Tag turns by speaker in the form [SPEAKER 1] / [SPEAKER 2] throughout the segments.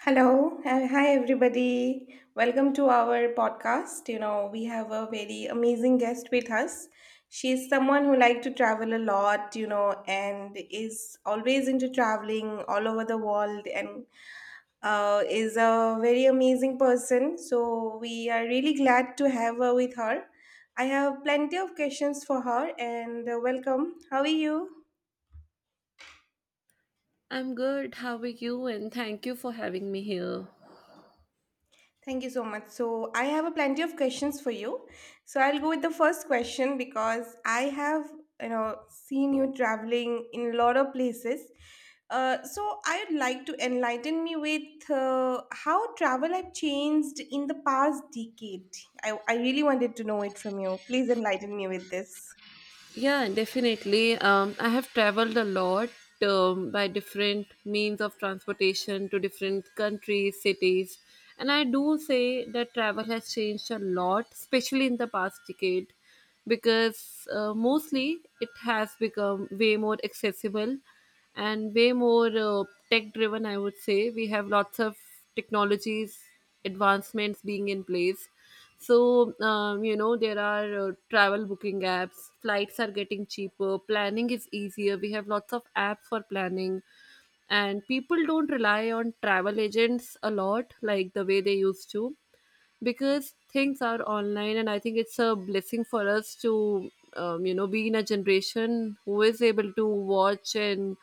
[SPEAKER 1] Hello, and hi everybody. Welcome to our podcast. You know, we have a very amazing guest with us. She's someone who likes to travel a lot, you know, and is always into traveling all over the world and is a very amazing person. So, we are really glad to have her with her. I have plenty of questions for her and welcome. How are you?
[SPEAKER 2] I'm good. How are you? And thank you for having me here.
[SPEAKER 1] Thank you so much. So I have a plenty of questions for you. So I'll go with the first question because I have, you know, seen you traveling in a lot of places. So I'd like to enlighten me with how travel have changed in the past decade. I really wanted to know it from you. Please enlighten me with this.
[SPEAKER 2] Yeah, definitely. I have traveled a lot by different means of transportation to different countries, cities. And I do say that travel has changed a lot, especially in the past decade, because mostly it has become way more accessible and way more tech driven, I would say. We have lots of technologies, advancements being in place, so there are travel booking apps, flights are getting cheaper, planning is easier, we have lots of apps for planning. And people don't rely on travel agents a lot like the way they used to, because things are online. And I think it's a blessing for us to be in a generation who is able to watch and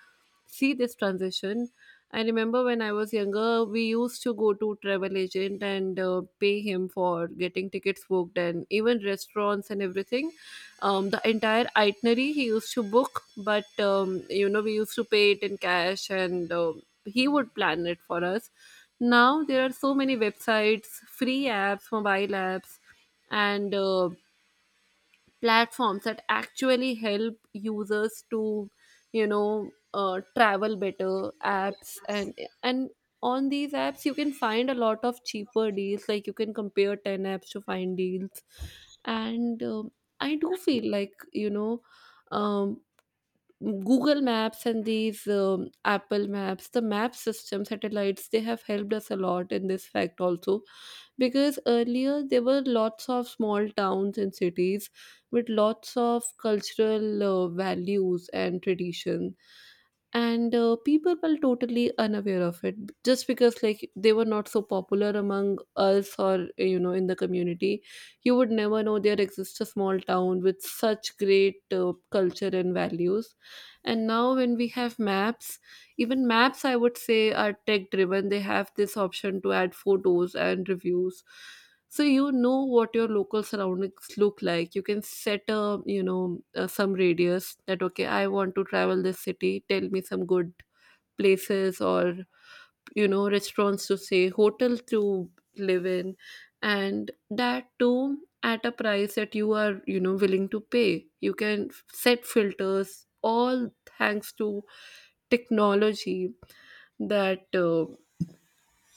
[SPEAKER 2] see this transition. I remember when I was younger, we used to go to travel agent and pay him for getting tickets booked and even restaurants and everything. Um, the entire itinerary he used to book, but we used to pay it in cash, and he would plan it for us. Now there are so many websites, free apps, mobile apps, and platforms that actually help users to, travel better. Apps and on these apps you can find a lot of cheaper deals. Like you can compare ten apps to find deals, and I do feel like Um, Google Maps and these Apple Maps, the map system satellites, they have helped us a lot in this fact also. Because earlier there were lots of small towns and cities with lots of cultural values and tradition. And people were totally unaware of it just because, like, they were not so popular among us or, in the community. You would never know there exists a small town with such great culture and values. And now, when we have maps, even maps, I would say, are tech driven. They have this option to add photos and reviews. So you know what your local surroundings look like. You can set a, some radius that, okay, I want to travel this city. Tell me some good places or restaurants to stay, hotel to live in, and that too at a price that you are, willing to pay. You can set filters, all thanks to technology, that uh,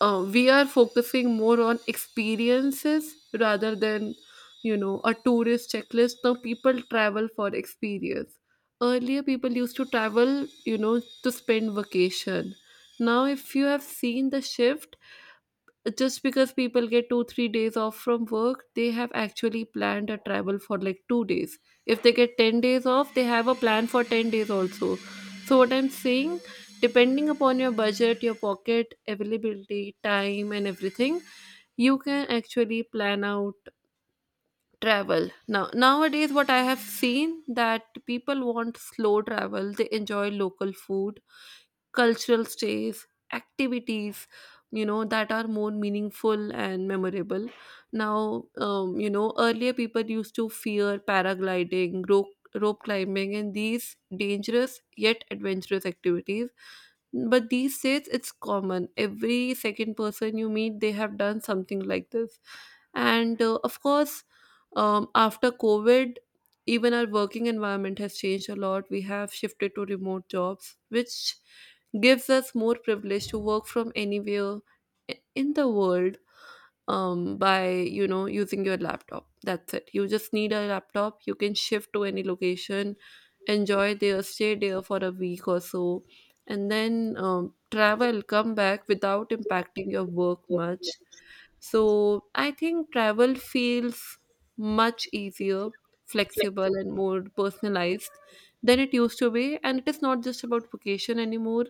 [SPEAKER 2] uh, we are focusing more on experiences rather than a tourist checklist. Now people travel for experience. Earlier people used to travel, to spend vacation. Now, if you have seen the shift, just because people get 2 3 days off from work, they have actually planned a travel for like 2 days. If they get 10 days off, they have a plan for 10 days also. So what I'm saying, depending upon your budget, your pocket availability, time, and everything, you can actually plan out travel. Now nowadays, what I have seen, that people want slow travel. They enjoy local food, cultural stays, activities, that are more meaningful and memorable. Now, earlier people used to fear paragliding, rope climbing, and these dangerous yet adventurous activities. But these days it's common, every second person you meet, they have done something like this. And of course, after COVID, even our working environment has changed a lot. We have shifted to remote jobs, which gives us more privilege to work from anywhere in the world, by using your laptop. That's it. You just need a laptop. You can shift to any location, enjoy there, stay there for a week or so, and then travel, come back without impacting your work much. So I think travel feels much easier, flexible, and more personalized than it used to be. And it is not just about vacation anymore,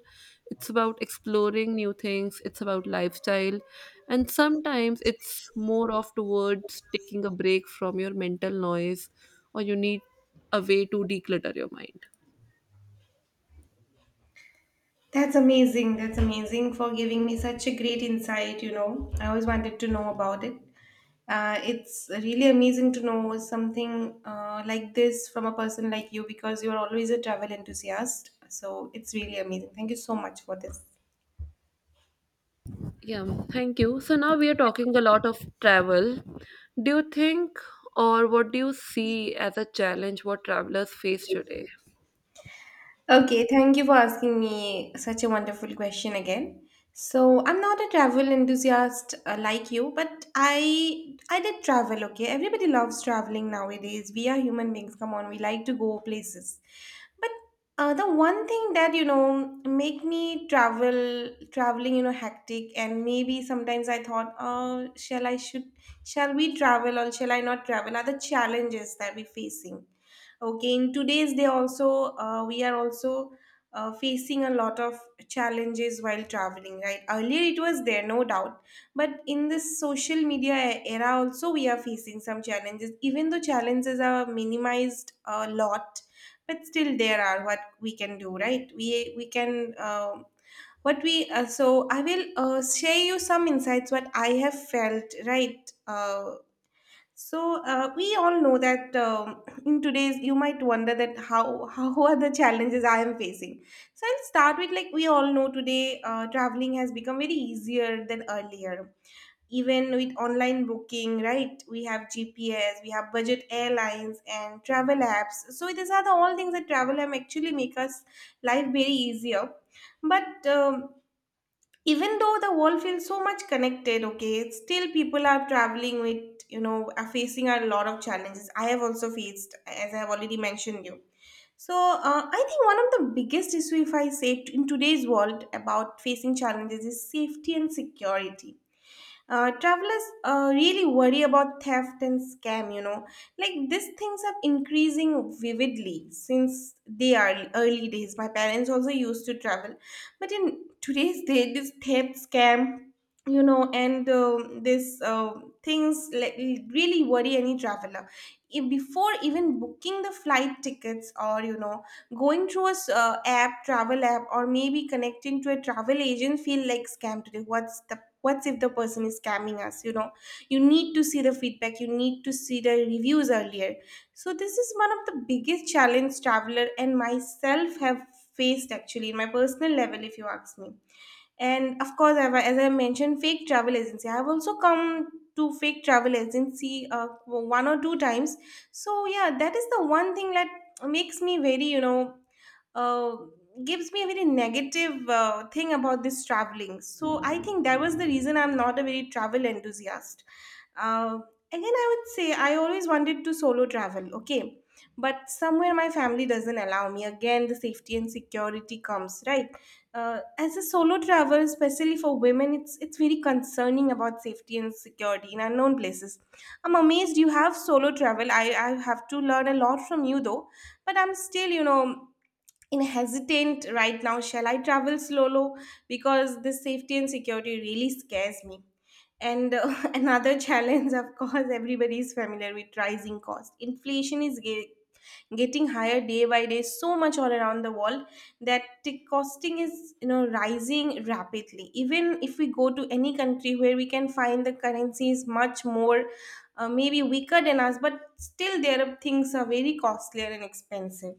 [SPEAKER 2] it's about exploring new things, it's about lifestyle, and sometimes it's more of towards taking a break from your mental noise or you need a way to declutter your mind.
[SPEAKER 1] That's amazing. That's amazing for giving me such a great insight. You know, I always wanted to know about it. It's really amazing to know something like this from a person like you because you're always a travel enthusiast. So it's really amazing. Thank you so much for this.
[SPEAKER 2] Yeah, thank you. So now we are talking a lot of travel. Do you think, or what do you see as a challenge what travelers face today?
[SPEAKER 1] Okay, thank you for asking me such a wonderful question again. So, I'm not a travel enthusiast like you, but I did travel, okay? Everybody loves traveling nowadays. We are human beings, come on, we like to go places. But the one thing that, you know, make me travel traveling, you know, hectic and maybe sometimes I thought, "Oh, shall I should shall we travel or shall I not travel?" are the challenges that we're facing. Okay, in today's day also, we are also facing a lot of challenges while traveling, right? Earlier it was there, no doubt. But in this social media era also, we are facing some challenges. Even though challenges are minimized a lot, but still there are what we can do, right? We can what we so I will share you some insights what I have felt, right? So we all know that in today's, you might wonder that how how are the challenges I am facing. So I'll start with like we all know today, traveling has become very easier than earlier. Even with online booking, right? We have GPS, we have budget airlines and travel apps. So these are the all things that travel app actually make us life very easier. But even though the world feels so much connected, okay, still people are traveling with, you know, are facing a lot of challenges. I have also faced as I have already mentioned you. So I think one of the biggest issue if I say in today's world about facing challenges is safety and security. Travelers really worry about theft and scam, you know. Like these things are increasing vividly since they are early days. My parents also used to travel, but in today's day, this theft scam, you know, and this things like really worry any traveler. Before even booking the flight tickets or, you know, going through a app travel app or maybe connecting to a travel agent feel like scam today. What's if the person is scamming us? You know, you need to see the feedback, you need to see the reviews earlier. So this is one of the biggest challenge traveler and myself have faced. Actually, in my personal level, if you ask me, and of course I've, as I mentioned, fake travel agency, I've also come to fake travel agency one or two times. So yeah, that is the one thing that makes me very, you know, uh, gives me a very negative thing about this traveling. So I think that was the reason I'm not a very travel enthusiast. Uh, Again, I would say I always wanted to solo travel, okay? But somewhere my family doesn't allow me. Again, the safety and security comes, right? As a solo traveler, especially for women, it's very concerning about safety and security in unknown places. I'm amazed you have solo travel. I have to learn a lot from you though, but I'm still, you know, in hesitant right now. Shall I travel solo? Because this safety and security really scares me. And another challenge, of course, everybody is familiar with rising cost. Inflation is getting higher day by day, so much all around the world, that the costing is, you know, rising rapidly. Even if we go to any country where we can find the currency is much more maybe weaker than us, but still there are things are very costlier and expensive.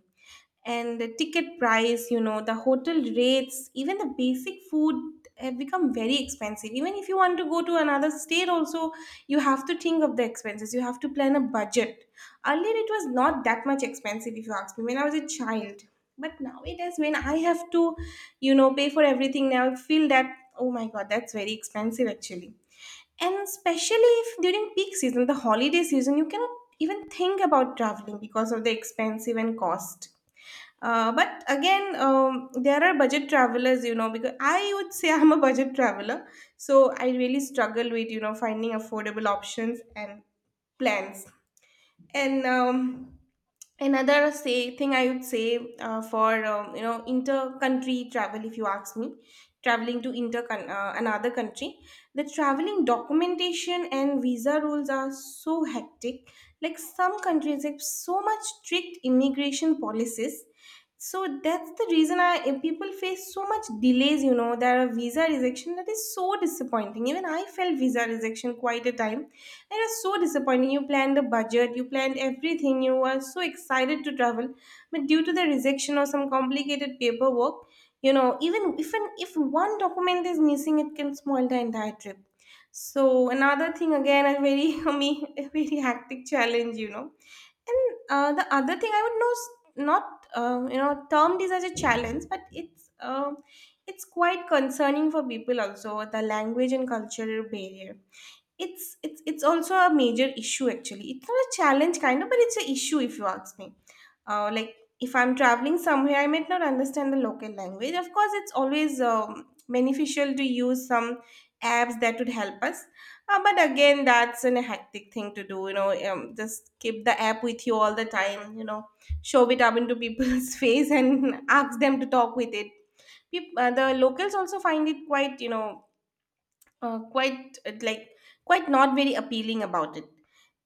[SPEAKER 1] And the ticket price, you know, the hotel rates, even the basic food have become very expensive. Even if you want to go to another state, also, you have to think of the expenses. You have to plan a budget. Earlier, it was not that much expensive, if you ask me, when I was a child. But now it is when I have to, you know, pay for everything, now I feel that, oh my God, that's very expensive actually. And especially if during peak season, the holiday season, you cannot even think about traveling because of the expensive and cost. But again, there are budget travelers, you know, because I would say I'm a budget traveler. So I really struggle with, you know, finding affordable options and plans and another say thing I would say for you know, inter country travel, if you ask me, traveling to inter another country, the traveling documentation and visa rules are so hectic. Like some countries have so much strict immigration policies. So that's the reason, I if people face so much delays, you know, there are visa rejection. That is so disappointing. Even I felt visa rejection quite a time. That is so disappointing. You planned the budget, you planned everything, you were so excited to travel, but due to the rejection or some complicated paperwork, you know, even if an, if one document is missing, it can spoil the entire trip. So another thing again, a very me a very hectic challenge, you know. And the other thing I would know not you know, termed is as a challenge, but it's quite concerning for people also, the language and cultural barrier. It's also a major issue actually. It's not a challenge kind of, but it's an issue if you ask me. Like if I'm traveling somewhere, I might not understand the local language. Of course, it's always beneficial to use some apps that would help us. But again, that's an hectic thing to do. You know, just keep the app with you all the time. You know, shove it up into people's face and ask them to talk with it. The locals also find it quite, you know, quite like quite not very appealing about it.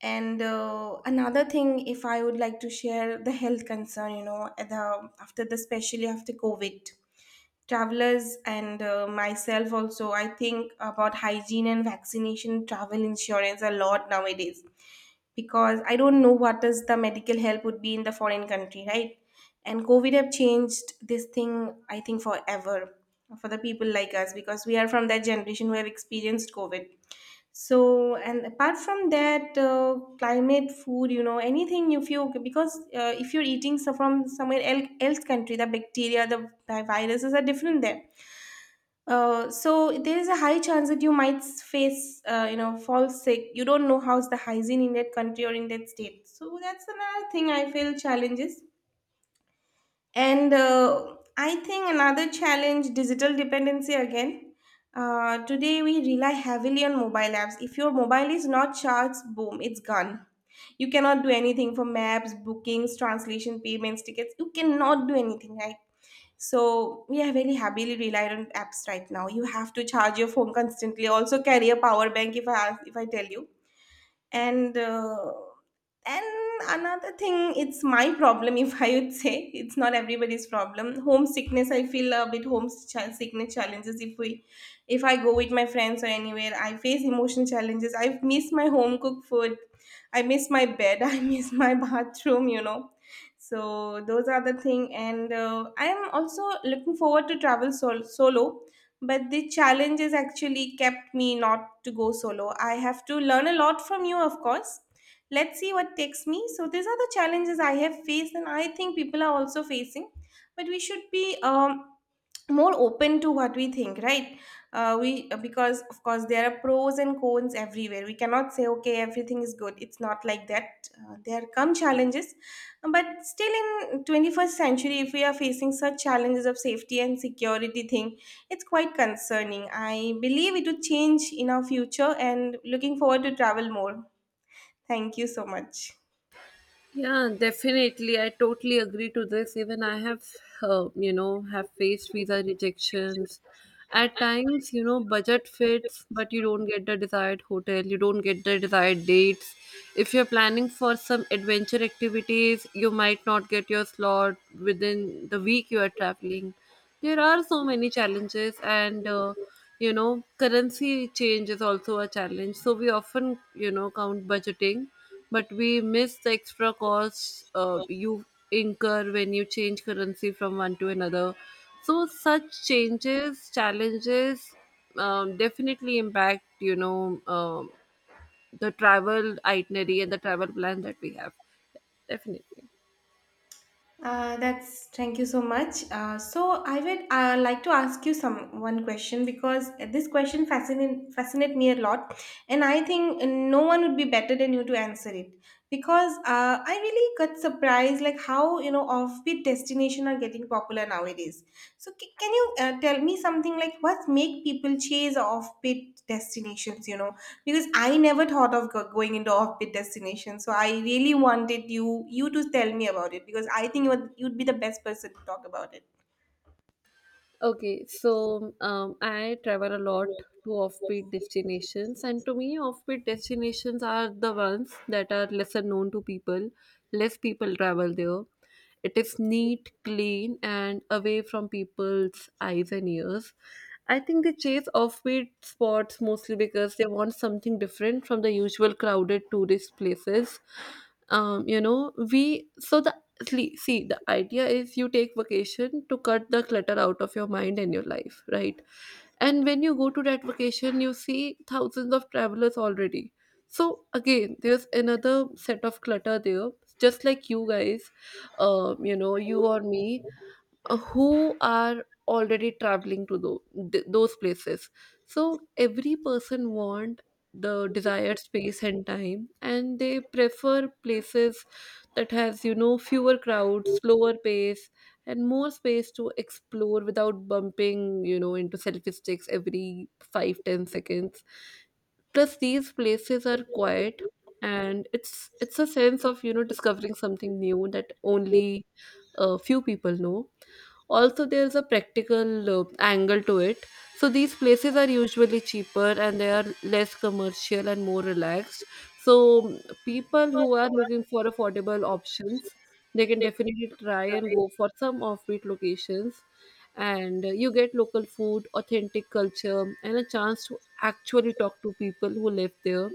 [SPEAKER 1] And another thing, if I would like to share, the health concern, you know, at the, after the, especially after COVID, travelers and myself also, I think about hygiene and vaccination, travel insurance a lot nowadays, because I don't know what is the medical help would be in the foreign country, right? And COVID have changed this thing, I think, forever for the people like us, because we are from that generation who have experienced COVID. So, and apart from that, climate, food, you know, anything, if you, because if you're eating so from somewhere else, else country, the bacteria, the viruses are different there. So there is a high chance that you might face, you know, fall sick. You don't know how's the hygiene in that country or in that state. So that's another thing I feel challenges. And I think another challenge, digital dependency again. Today we rely heavily on mobile apps. If your mobile is not charged, boom, it's gone. You cannot do anything for maps, bookings, translation, payments, tickets. You cannot do anything, right? So we are very heavily relied on apps right now. You have to charge your phone constantly. Also carry a power bank if I ask, if I tell you. And and another thing, it's my problem if I would say, it's not everybody's problem, homesickness. I feel a bit homesickness challenges. If I go with my friends or anywhere, I face emotional challenges. I miss my home cooked food, I miss my bed, I miss my bathroom, you know. So those are the thing. And I am also looking forward to travel solo, but the challenges actually kept me not to go solo. I have to learn a lot from you, of course. Let's see what takes me. So these are the challenges I have faced, and I think people are also facing. But we should be more open to what we think, right? We, because of course there are pros and cons everywhere, we cannot say okay everything is good, it's not like that. There come challenges, but still, in 21st century, if we are facing such challenges of safety and security thing, it's quite concerning. I believe it would change in our future, and looking forward to travel more. Thank you so much.
[SPEAKER 2] Yeah, definitely. I totally agree to this. Even I have, have faced visa rejections. At times, budget fits, but you don't get the desired hotel, you don't get the desired dates. If you're planning for some adventure activities, you might not get your slot within the week you are traveling. There are so many challenges, and currency change is also a challenge. So we often, count budgeting, but we miss the extra costs you incur when you change currency from one to another. So such changes, challenges, definitely impact the travel itinerary and the travel plan that we have. Definitely.
[SPEAKER 1] That's Thank you so much. So I would like to ask you some one question, because this question fascinate me a lot, and I think no one would be better than you to answer it, because I really got surprised, like, how, you know, offbeat destination are getting popular nowadays. So can you tell me something, like, what make people chase offbeat destinations? You know, because I never thought of going into off-beat destinations. So I really wanted you to tell me about it, because I think you'd be the best person to talk about it.
[SPEAKER 2] Okay, so I travel a lot to offbeat destinations, and to me, offbeat destinations are the ones that are lesser known to people. Less people travel there. It is neat, clean, and away from people's eyes and ears. I think they chase offbeat spots mostly because they want something different from the usual crowded tourist places. You know, we so the Cle- See, the idea is you take vacation to cut the clutter out of your mind and your life, right? And when you go to that vacation, you see thousands of travelers already. So again there's another set of clutter there, just like you guys, you or me, who are already traveling to those places. So every person want the desired space and time, and they prefer places that has, fewer crowds, slower pace, and more space to explore without bumping, into selfie sticks every 5 10 seconds. Plus, these places are quiet, and it's a sense of, discovering something new that only a few people know. Also, there's a practical angle to it. So, these places are usually cheaper and they are less commercial and more relaxed. So, mm, people who are looking for affordable options, they can definitely try and go for some offbeat locations. And you get local food, authentic culture, and a chance to actually talk to people who live there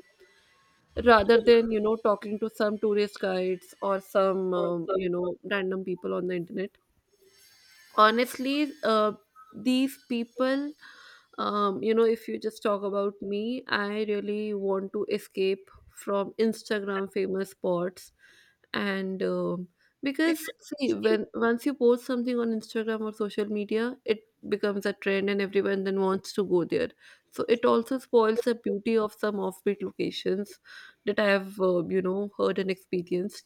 [SPEAKER 2] rather than, talking to some tourist guides or some random people on the internet. Honestly, these people, if you just talk about me, I really want to escape from Instagram famous spots. And because see, when once you post something on Instagram or social media, it becomes a trend and everyone then wants to go there. So it also spoils the beauty of some offbeat locations that I have, heard and experienced.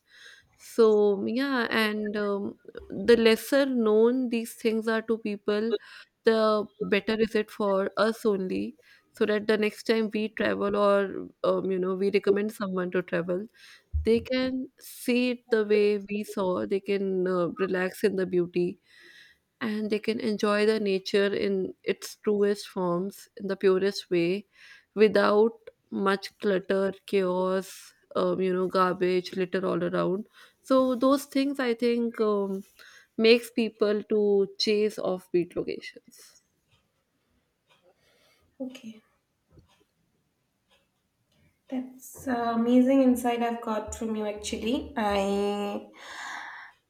[SPEAKER 2] So yeah, and the lesser known these things are to people, the better is it for us only. So that the next time we travel or, we recommend someone to travel, they can see it the way we saw. They can relax in the beauty, and they can enjoy the nature in its truest forms, in the purest way, without much clutter, chaos, garbage, litter all around. So those things I think makes people to chase offbeat locations.
[SPEAKER 1] Okay, that's amazing insight I've got from you, actually.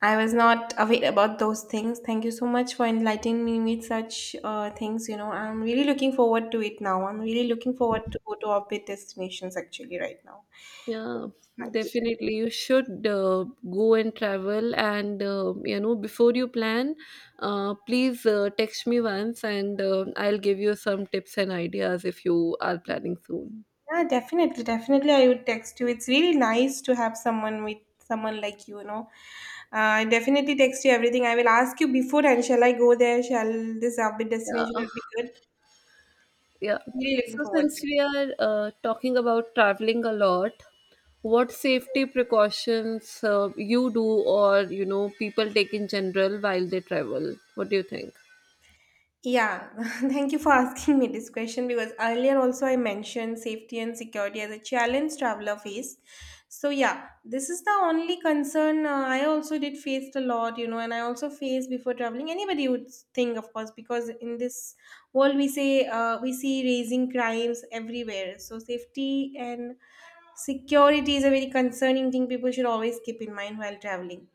[SPEAKER 1] I was not aware about those things. Thank you so much for enlightening me with such things. You know, I'm really looking forward to it now. I'm really looking forward to go to orbit destinations actually right now.
[SPEAKER 2] Yeah, definitely. You should go and travel, and, before you plan, please text me once, and I'll give you some tips and ideas if you are planning soon.
[SPEAKER 1] Yeah, definitely, definitely. I would text you. It's really nice to have someone with someone like you know. I definitely text you everything. I will ask you beforehand. Shall I go there? Shall this be
[SPEAKER 2] Yeah,
[SPEAKER 1] destination will be good?
[SPEAKER 2] yeah.
[SPEAKER 1] I'm really looking
[SPEAKER 2] So
[SPEAKER 1] forward
[SPEAKER 2] since
[SPEAKER 1] to it.
[SPEAKER 2] we are talking about traveling a lot, what safety precautions you do or, people take in general while they travel? What do you think?
[SPEAKER 1] Yeah, thank you for asking me this question, because earlier also I mentioned safety and security as a challenge traveler face. So yeah, this is the only concern. I also did faced a lot, you know, and I also faced before traveling. Anybody would think, of course, because in this world we say, we see raising crimes everywhere. So safety and security is a very concerning thing people should always keep in mind while traveling.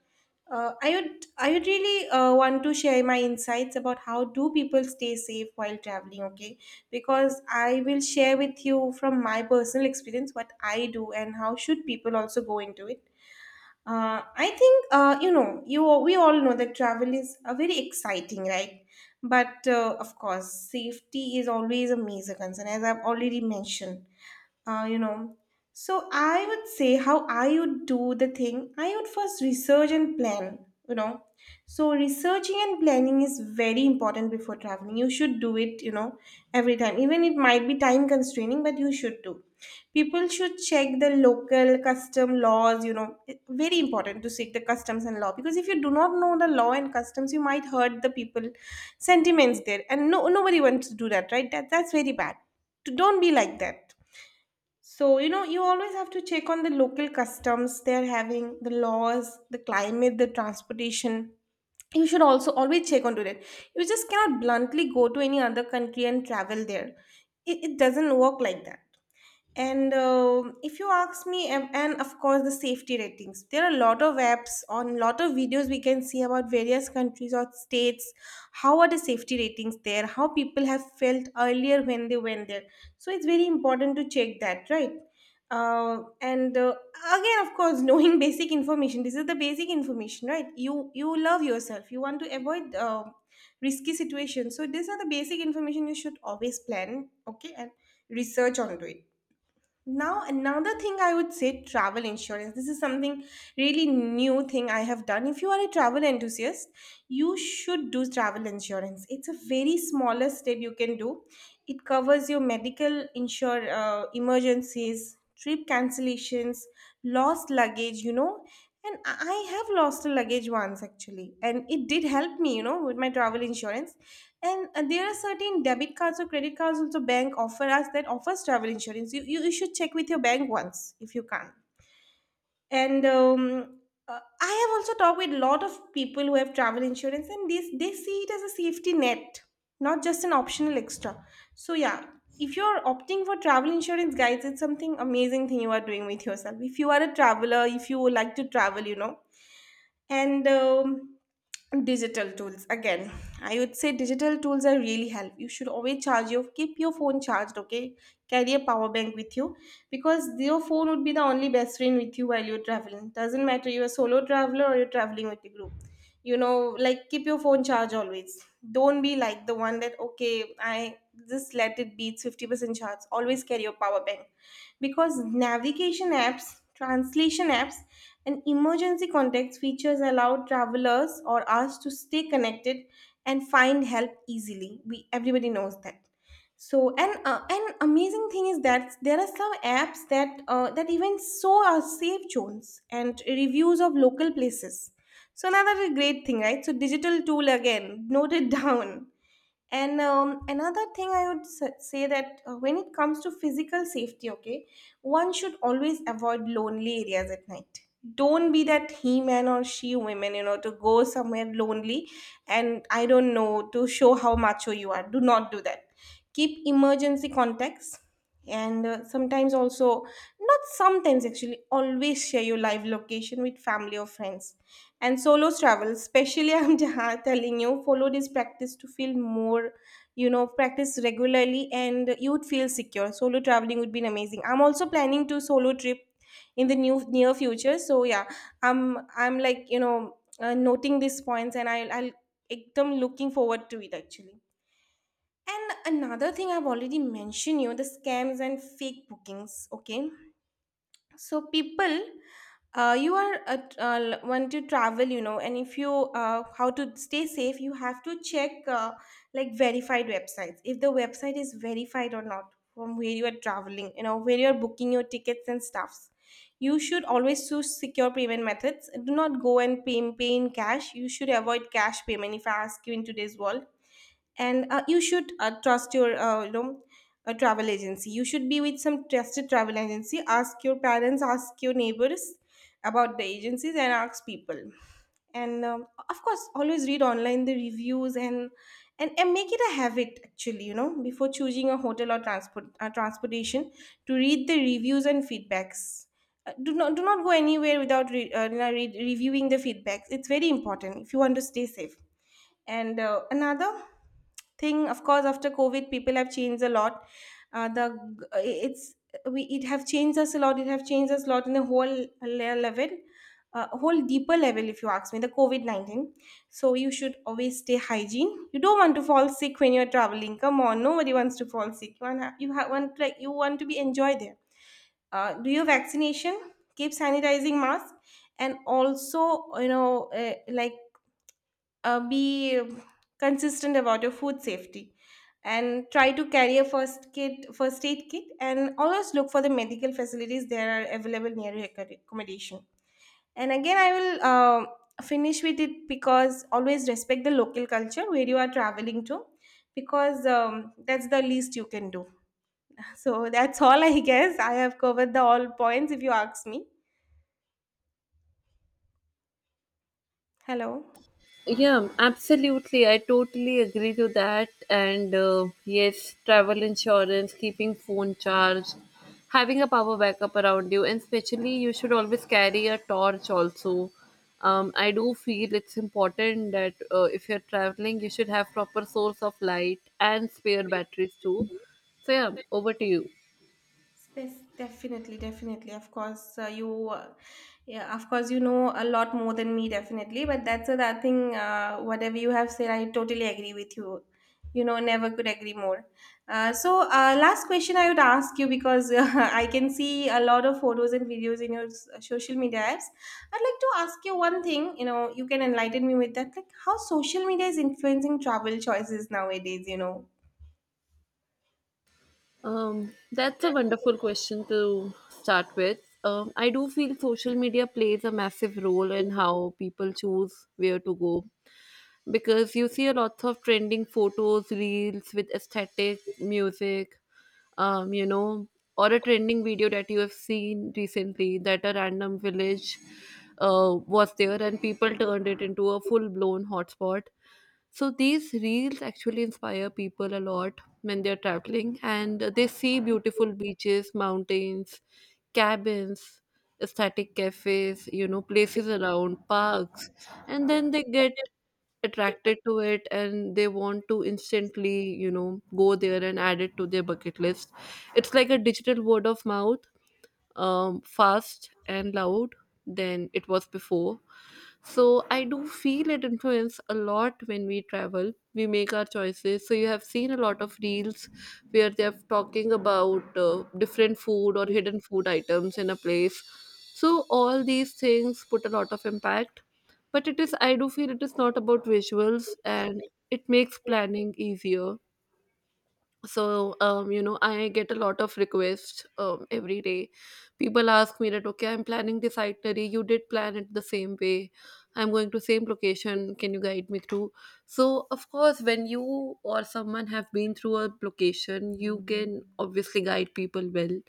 [SPEAKER 1] I would really want to share my insights about how do people stay safe while traveling, okay? Because I will share with you from my personal experience what I do and how should people also go into it. I think, you know, we all know that travel is a very exciting, right? But of course, safety is always a major concern, as I've already mentioned, you know. So I would say how I would do the thing. I would first research and plan, you know. So researching and planning is very important before traveling. You should do it, you know, every time. Even it might be time constraining, but you should do. People should check the local custom laws, you know. Very important to check the customs and law, because if you do not know the law and customs, you might hurt the people sentiments there. And no nobody wants to do that, right? That's very bad. Don't be like that. So, you know, you always have to check on the local customs they're having, the laws, the climate, the transportation. You should also always check onto that. You just cannot bluntly go to any other country and travel there. It doesn't work like that. And if you ask me, and of course the safety ratings, there are a lot of apps on lot of videos we can see about various countries or states. How are the safety ratings there? How people have felt earlier when they went there. So it's very important to check that, right? And Again, of course, knowing basic information. This is the basic information, right? You love yourself. You want to avoid risky situations. So these are the basic information you should always plan. Okay, and research onto it. Now, another thing I would say, travel insurance. This is something really new thing I have done. If you are a travel enthusiast, you should do travel insurance. It's a very smallest step you can do. It covers your medical insure emergencies, trip cancellations, lost luggage, you know. And I have lost a luggage once actually, and it did help me, you know, with my travel insurance. And there are certain debit cards or credit cards also bank offer us that offers travel insurance. You should check with your bank once if you can. And I have also talked with a lot of people who have travel insurance, and this they see it as a safety net, not just an optional extra. So yeah, if you're opting for travel insurance, guys, it's something amazing thing you are doing with yourself. If you are a traveler, if you like to travel, you know, and digital tools again. I would say digital tools are really help. You should always charge your, keep your phone charged, okay? Carry a power bank with you, because your phone would be the only best friend with you while you're traveling. Doesn't matter you're a solo traveler or you're traveling with a group, you know, like, keep your phone charged always. Don't be like the one that, okay, I just let it be, it's 50% charge. Always carry your power bank, because navigation apps, translation apps, and emergency context features allow travelers or us to stay connected and find help easily. We Everybody knows that. So and an amazing thing is that there are some apps that even show our safe zones and reviews of local places. So another great thing, right? So digital tool again, note it down. And Another thing I would say that, when it comes to physical safety, okay, one should always avoid lonely areas at night. Don't be that he man or she woman, you know, to go somewhere lonely and I don't know to show how macho you are. Do not do that. Keep emergency contacts, and sometimes also, not sometimes actually, always share your live location with family or friends. And solo travel especially, I'm just telling you, follow this practice to feel more, you know, practice regularly and you would feel secure. Solo traveling would be amazing. I'm also planning to solo trip in the new near future. So yeah, I'm like, you know, noting these points, and I'll एकदम looking forward to it actually. And another thing I've already mentioned you, the scams and fake bookings, okay? So people, you are at, want to travel, you know, and if you, how to stay safe, you have to check, like, verified websites. If the website is verified or not from where you are traveling, you know, where you are booking your tickets and stuffs. You should always choose secure payment methods. Do not go and pay, in cash. You should avoid cash payment, if I ask you, in today's world. And you should trust your, you know, a travel agency. You should be with some trusted travel agency. Ask your parents, ask your neighbors about the agencies, and ask people. And Of course, always read online the reviews, and make it a habit, actually, you know, before choosing a hotel or transportation, to read the reviews and feedbacks. Do not, do not go anywhere without you know, reviewing the feedbacks. It's very important if you want to stay safe. And another thing, of course, after COVID, people have changed a lot. The it's We it have changed us a lot. It have changed us a lot in a whole level, whole deeper level, if you ask me, the COVID 19. So you should always stay hygiene. You don't want to fall sick when you're traveling. Come on, nobody wants to fall sick. You want like you want to be enjoy there. Do your vaccination, keep sanitizing mask, and also, you know, be consistent about your food safety, and try to carry a first aid kit, and always look for the medical facilities that are available near your accommodation. And again, I will finish with it, because always respect the local culture where you are traveling to, because that's the least you can do. So that's all, I guess, I have covered the all points, if you ask me. Hello.
[SPEAKER 2] Yeah, absolutely. I totally agree to that. And yes, travel insurance, keeping phone charged, having a power backup around you, and especially you should always carry a torch also. I do feel it's important that if you're traveling, you should have proper source of light and spare batteries too. So yeah, over to you.
[SPEAKER 1] Space, definitely, definitely. Of course, yeah, of course, you know a lot more than me, definitely. But that's the that thing. Whatever you have said, I totally agree with you. You know, never could agree more. Last question I would ask you, because I can see a lot of photos and videos in your social media apps. I'd like to ask you one thing. You know, you can enlighten me with that. Like, how social media is influencing travel choices nowadays? You know.
[SPEAKER 2] That's a wonderful question to start with. I do feel social media plays a massive role in how people choose where to go, because you see a lot of trending photos, reels with aesthetic, music, um, you know, or a trending video that you have seen recently, that a random village was there and people turned it into a full blown hotspot. So these reels actually inspire people a lot when they're traveling, and they see beautiful beaches, mountains, cabins, aesthetic cafes, places around parks, and then they get attracted to it and they want to instantly, go there and add it to their bucket list. It's like a digital word of mouth fast and loud than it was before. So I do feel it influence a lot when we travel. We make our choices. So you have seen a lot of reels where they're talking about different food or hidden food items in a place. So all these things put a lot of impact. But it is I do feel it is not about visuals, and it makes planning easier. So you know, I get a lot of requests, every day people ask me that, okay, I'm planning this itinerary, you did plan it the same way, I'm going to same location, can you guide me through? So of course, when you or someone have been through a location, you can obviously guide people well.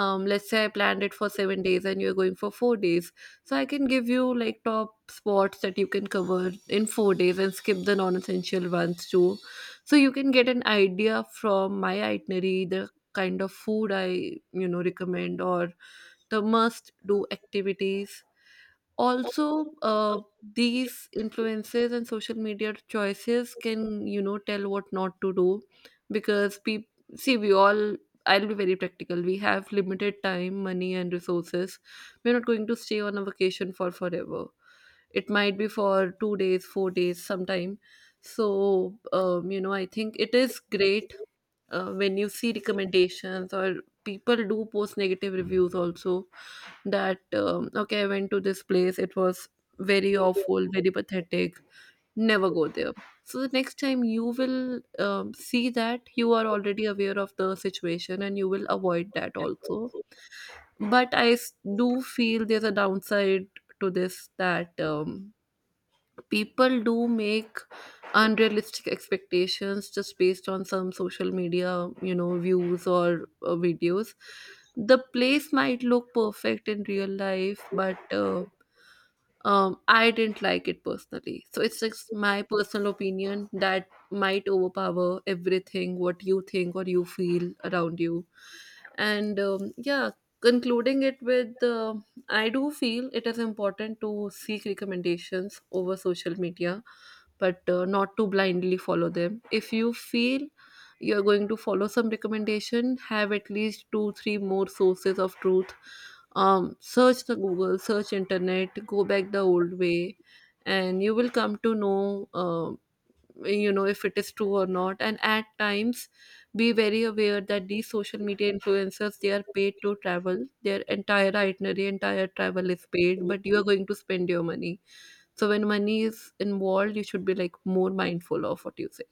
[SPEAKER 2] Um, let's say I planned it for 7 days and you're going for 4 days, so I can give you like top spots that you can cover in 4 days and skip the non-essential ones too. So you can get an idea from my itinerary, the kind of food I, you know, recommend, or the must do activities. Also, these influences and social media choices can, you know, tell what not to do, because people see, we all, I'll be very practical, we have limited time, money and resources. We're not going to stay on a vacation for forever. It might be for 2 days, 4 days sometime. So you know, I think it is great when you see recommendations, or people do post negative reviews also that, okay, I went to this place, it was very awful, very pathetic, never go there. So the next time you will see that you are already aware of the situation and you will avoid that also. But do feel there's a downside to this, that people do make unrealistic expectations just based on some social media, you know, views, or videos. The place might look perfect in real life, but I didn't like it personally, so it's just my personal opinion that might overpower everything what you think or you feel around you. And yeah, concluding it with, I do feel it is important to seek recommendations over social media, but not to blindly follow them. If you feel you're going to follow some recommendation, have at least two, three more sources of truth. Search the Google, search internet, go back the old way, and you will come to know, you know, if it is true or not. And at times, be very aware that these social media influencers, they are paid to travel. Their entire itinerary, entire travel is paid, but you are going to spend your money, so when money is involved, you should be like more mindful of what you say.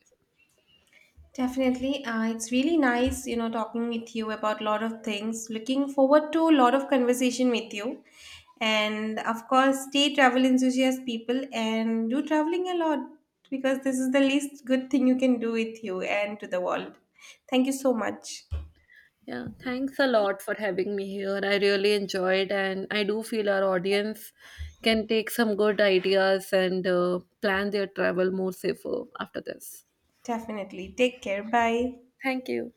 [SPEAKER 1] Definitely. It's really nice, you know, talking with you about a lot of things. Looking forward to a lot of conversation with you. And of course, stay travel enthusiast people and do traveling a lot, because this is the least good thing you can do with you and to the world. Thank you so much.
[SPEAKER 2] Yeah, thanks a lot for having me here. I really enjoyed, and I do feel our audience can take some good ideas and plan their travel more safer after this.
[SPEAKER 1] Definitely. Take care. Bye.
[SPEAKER 2] Thank you.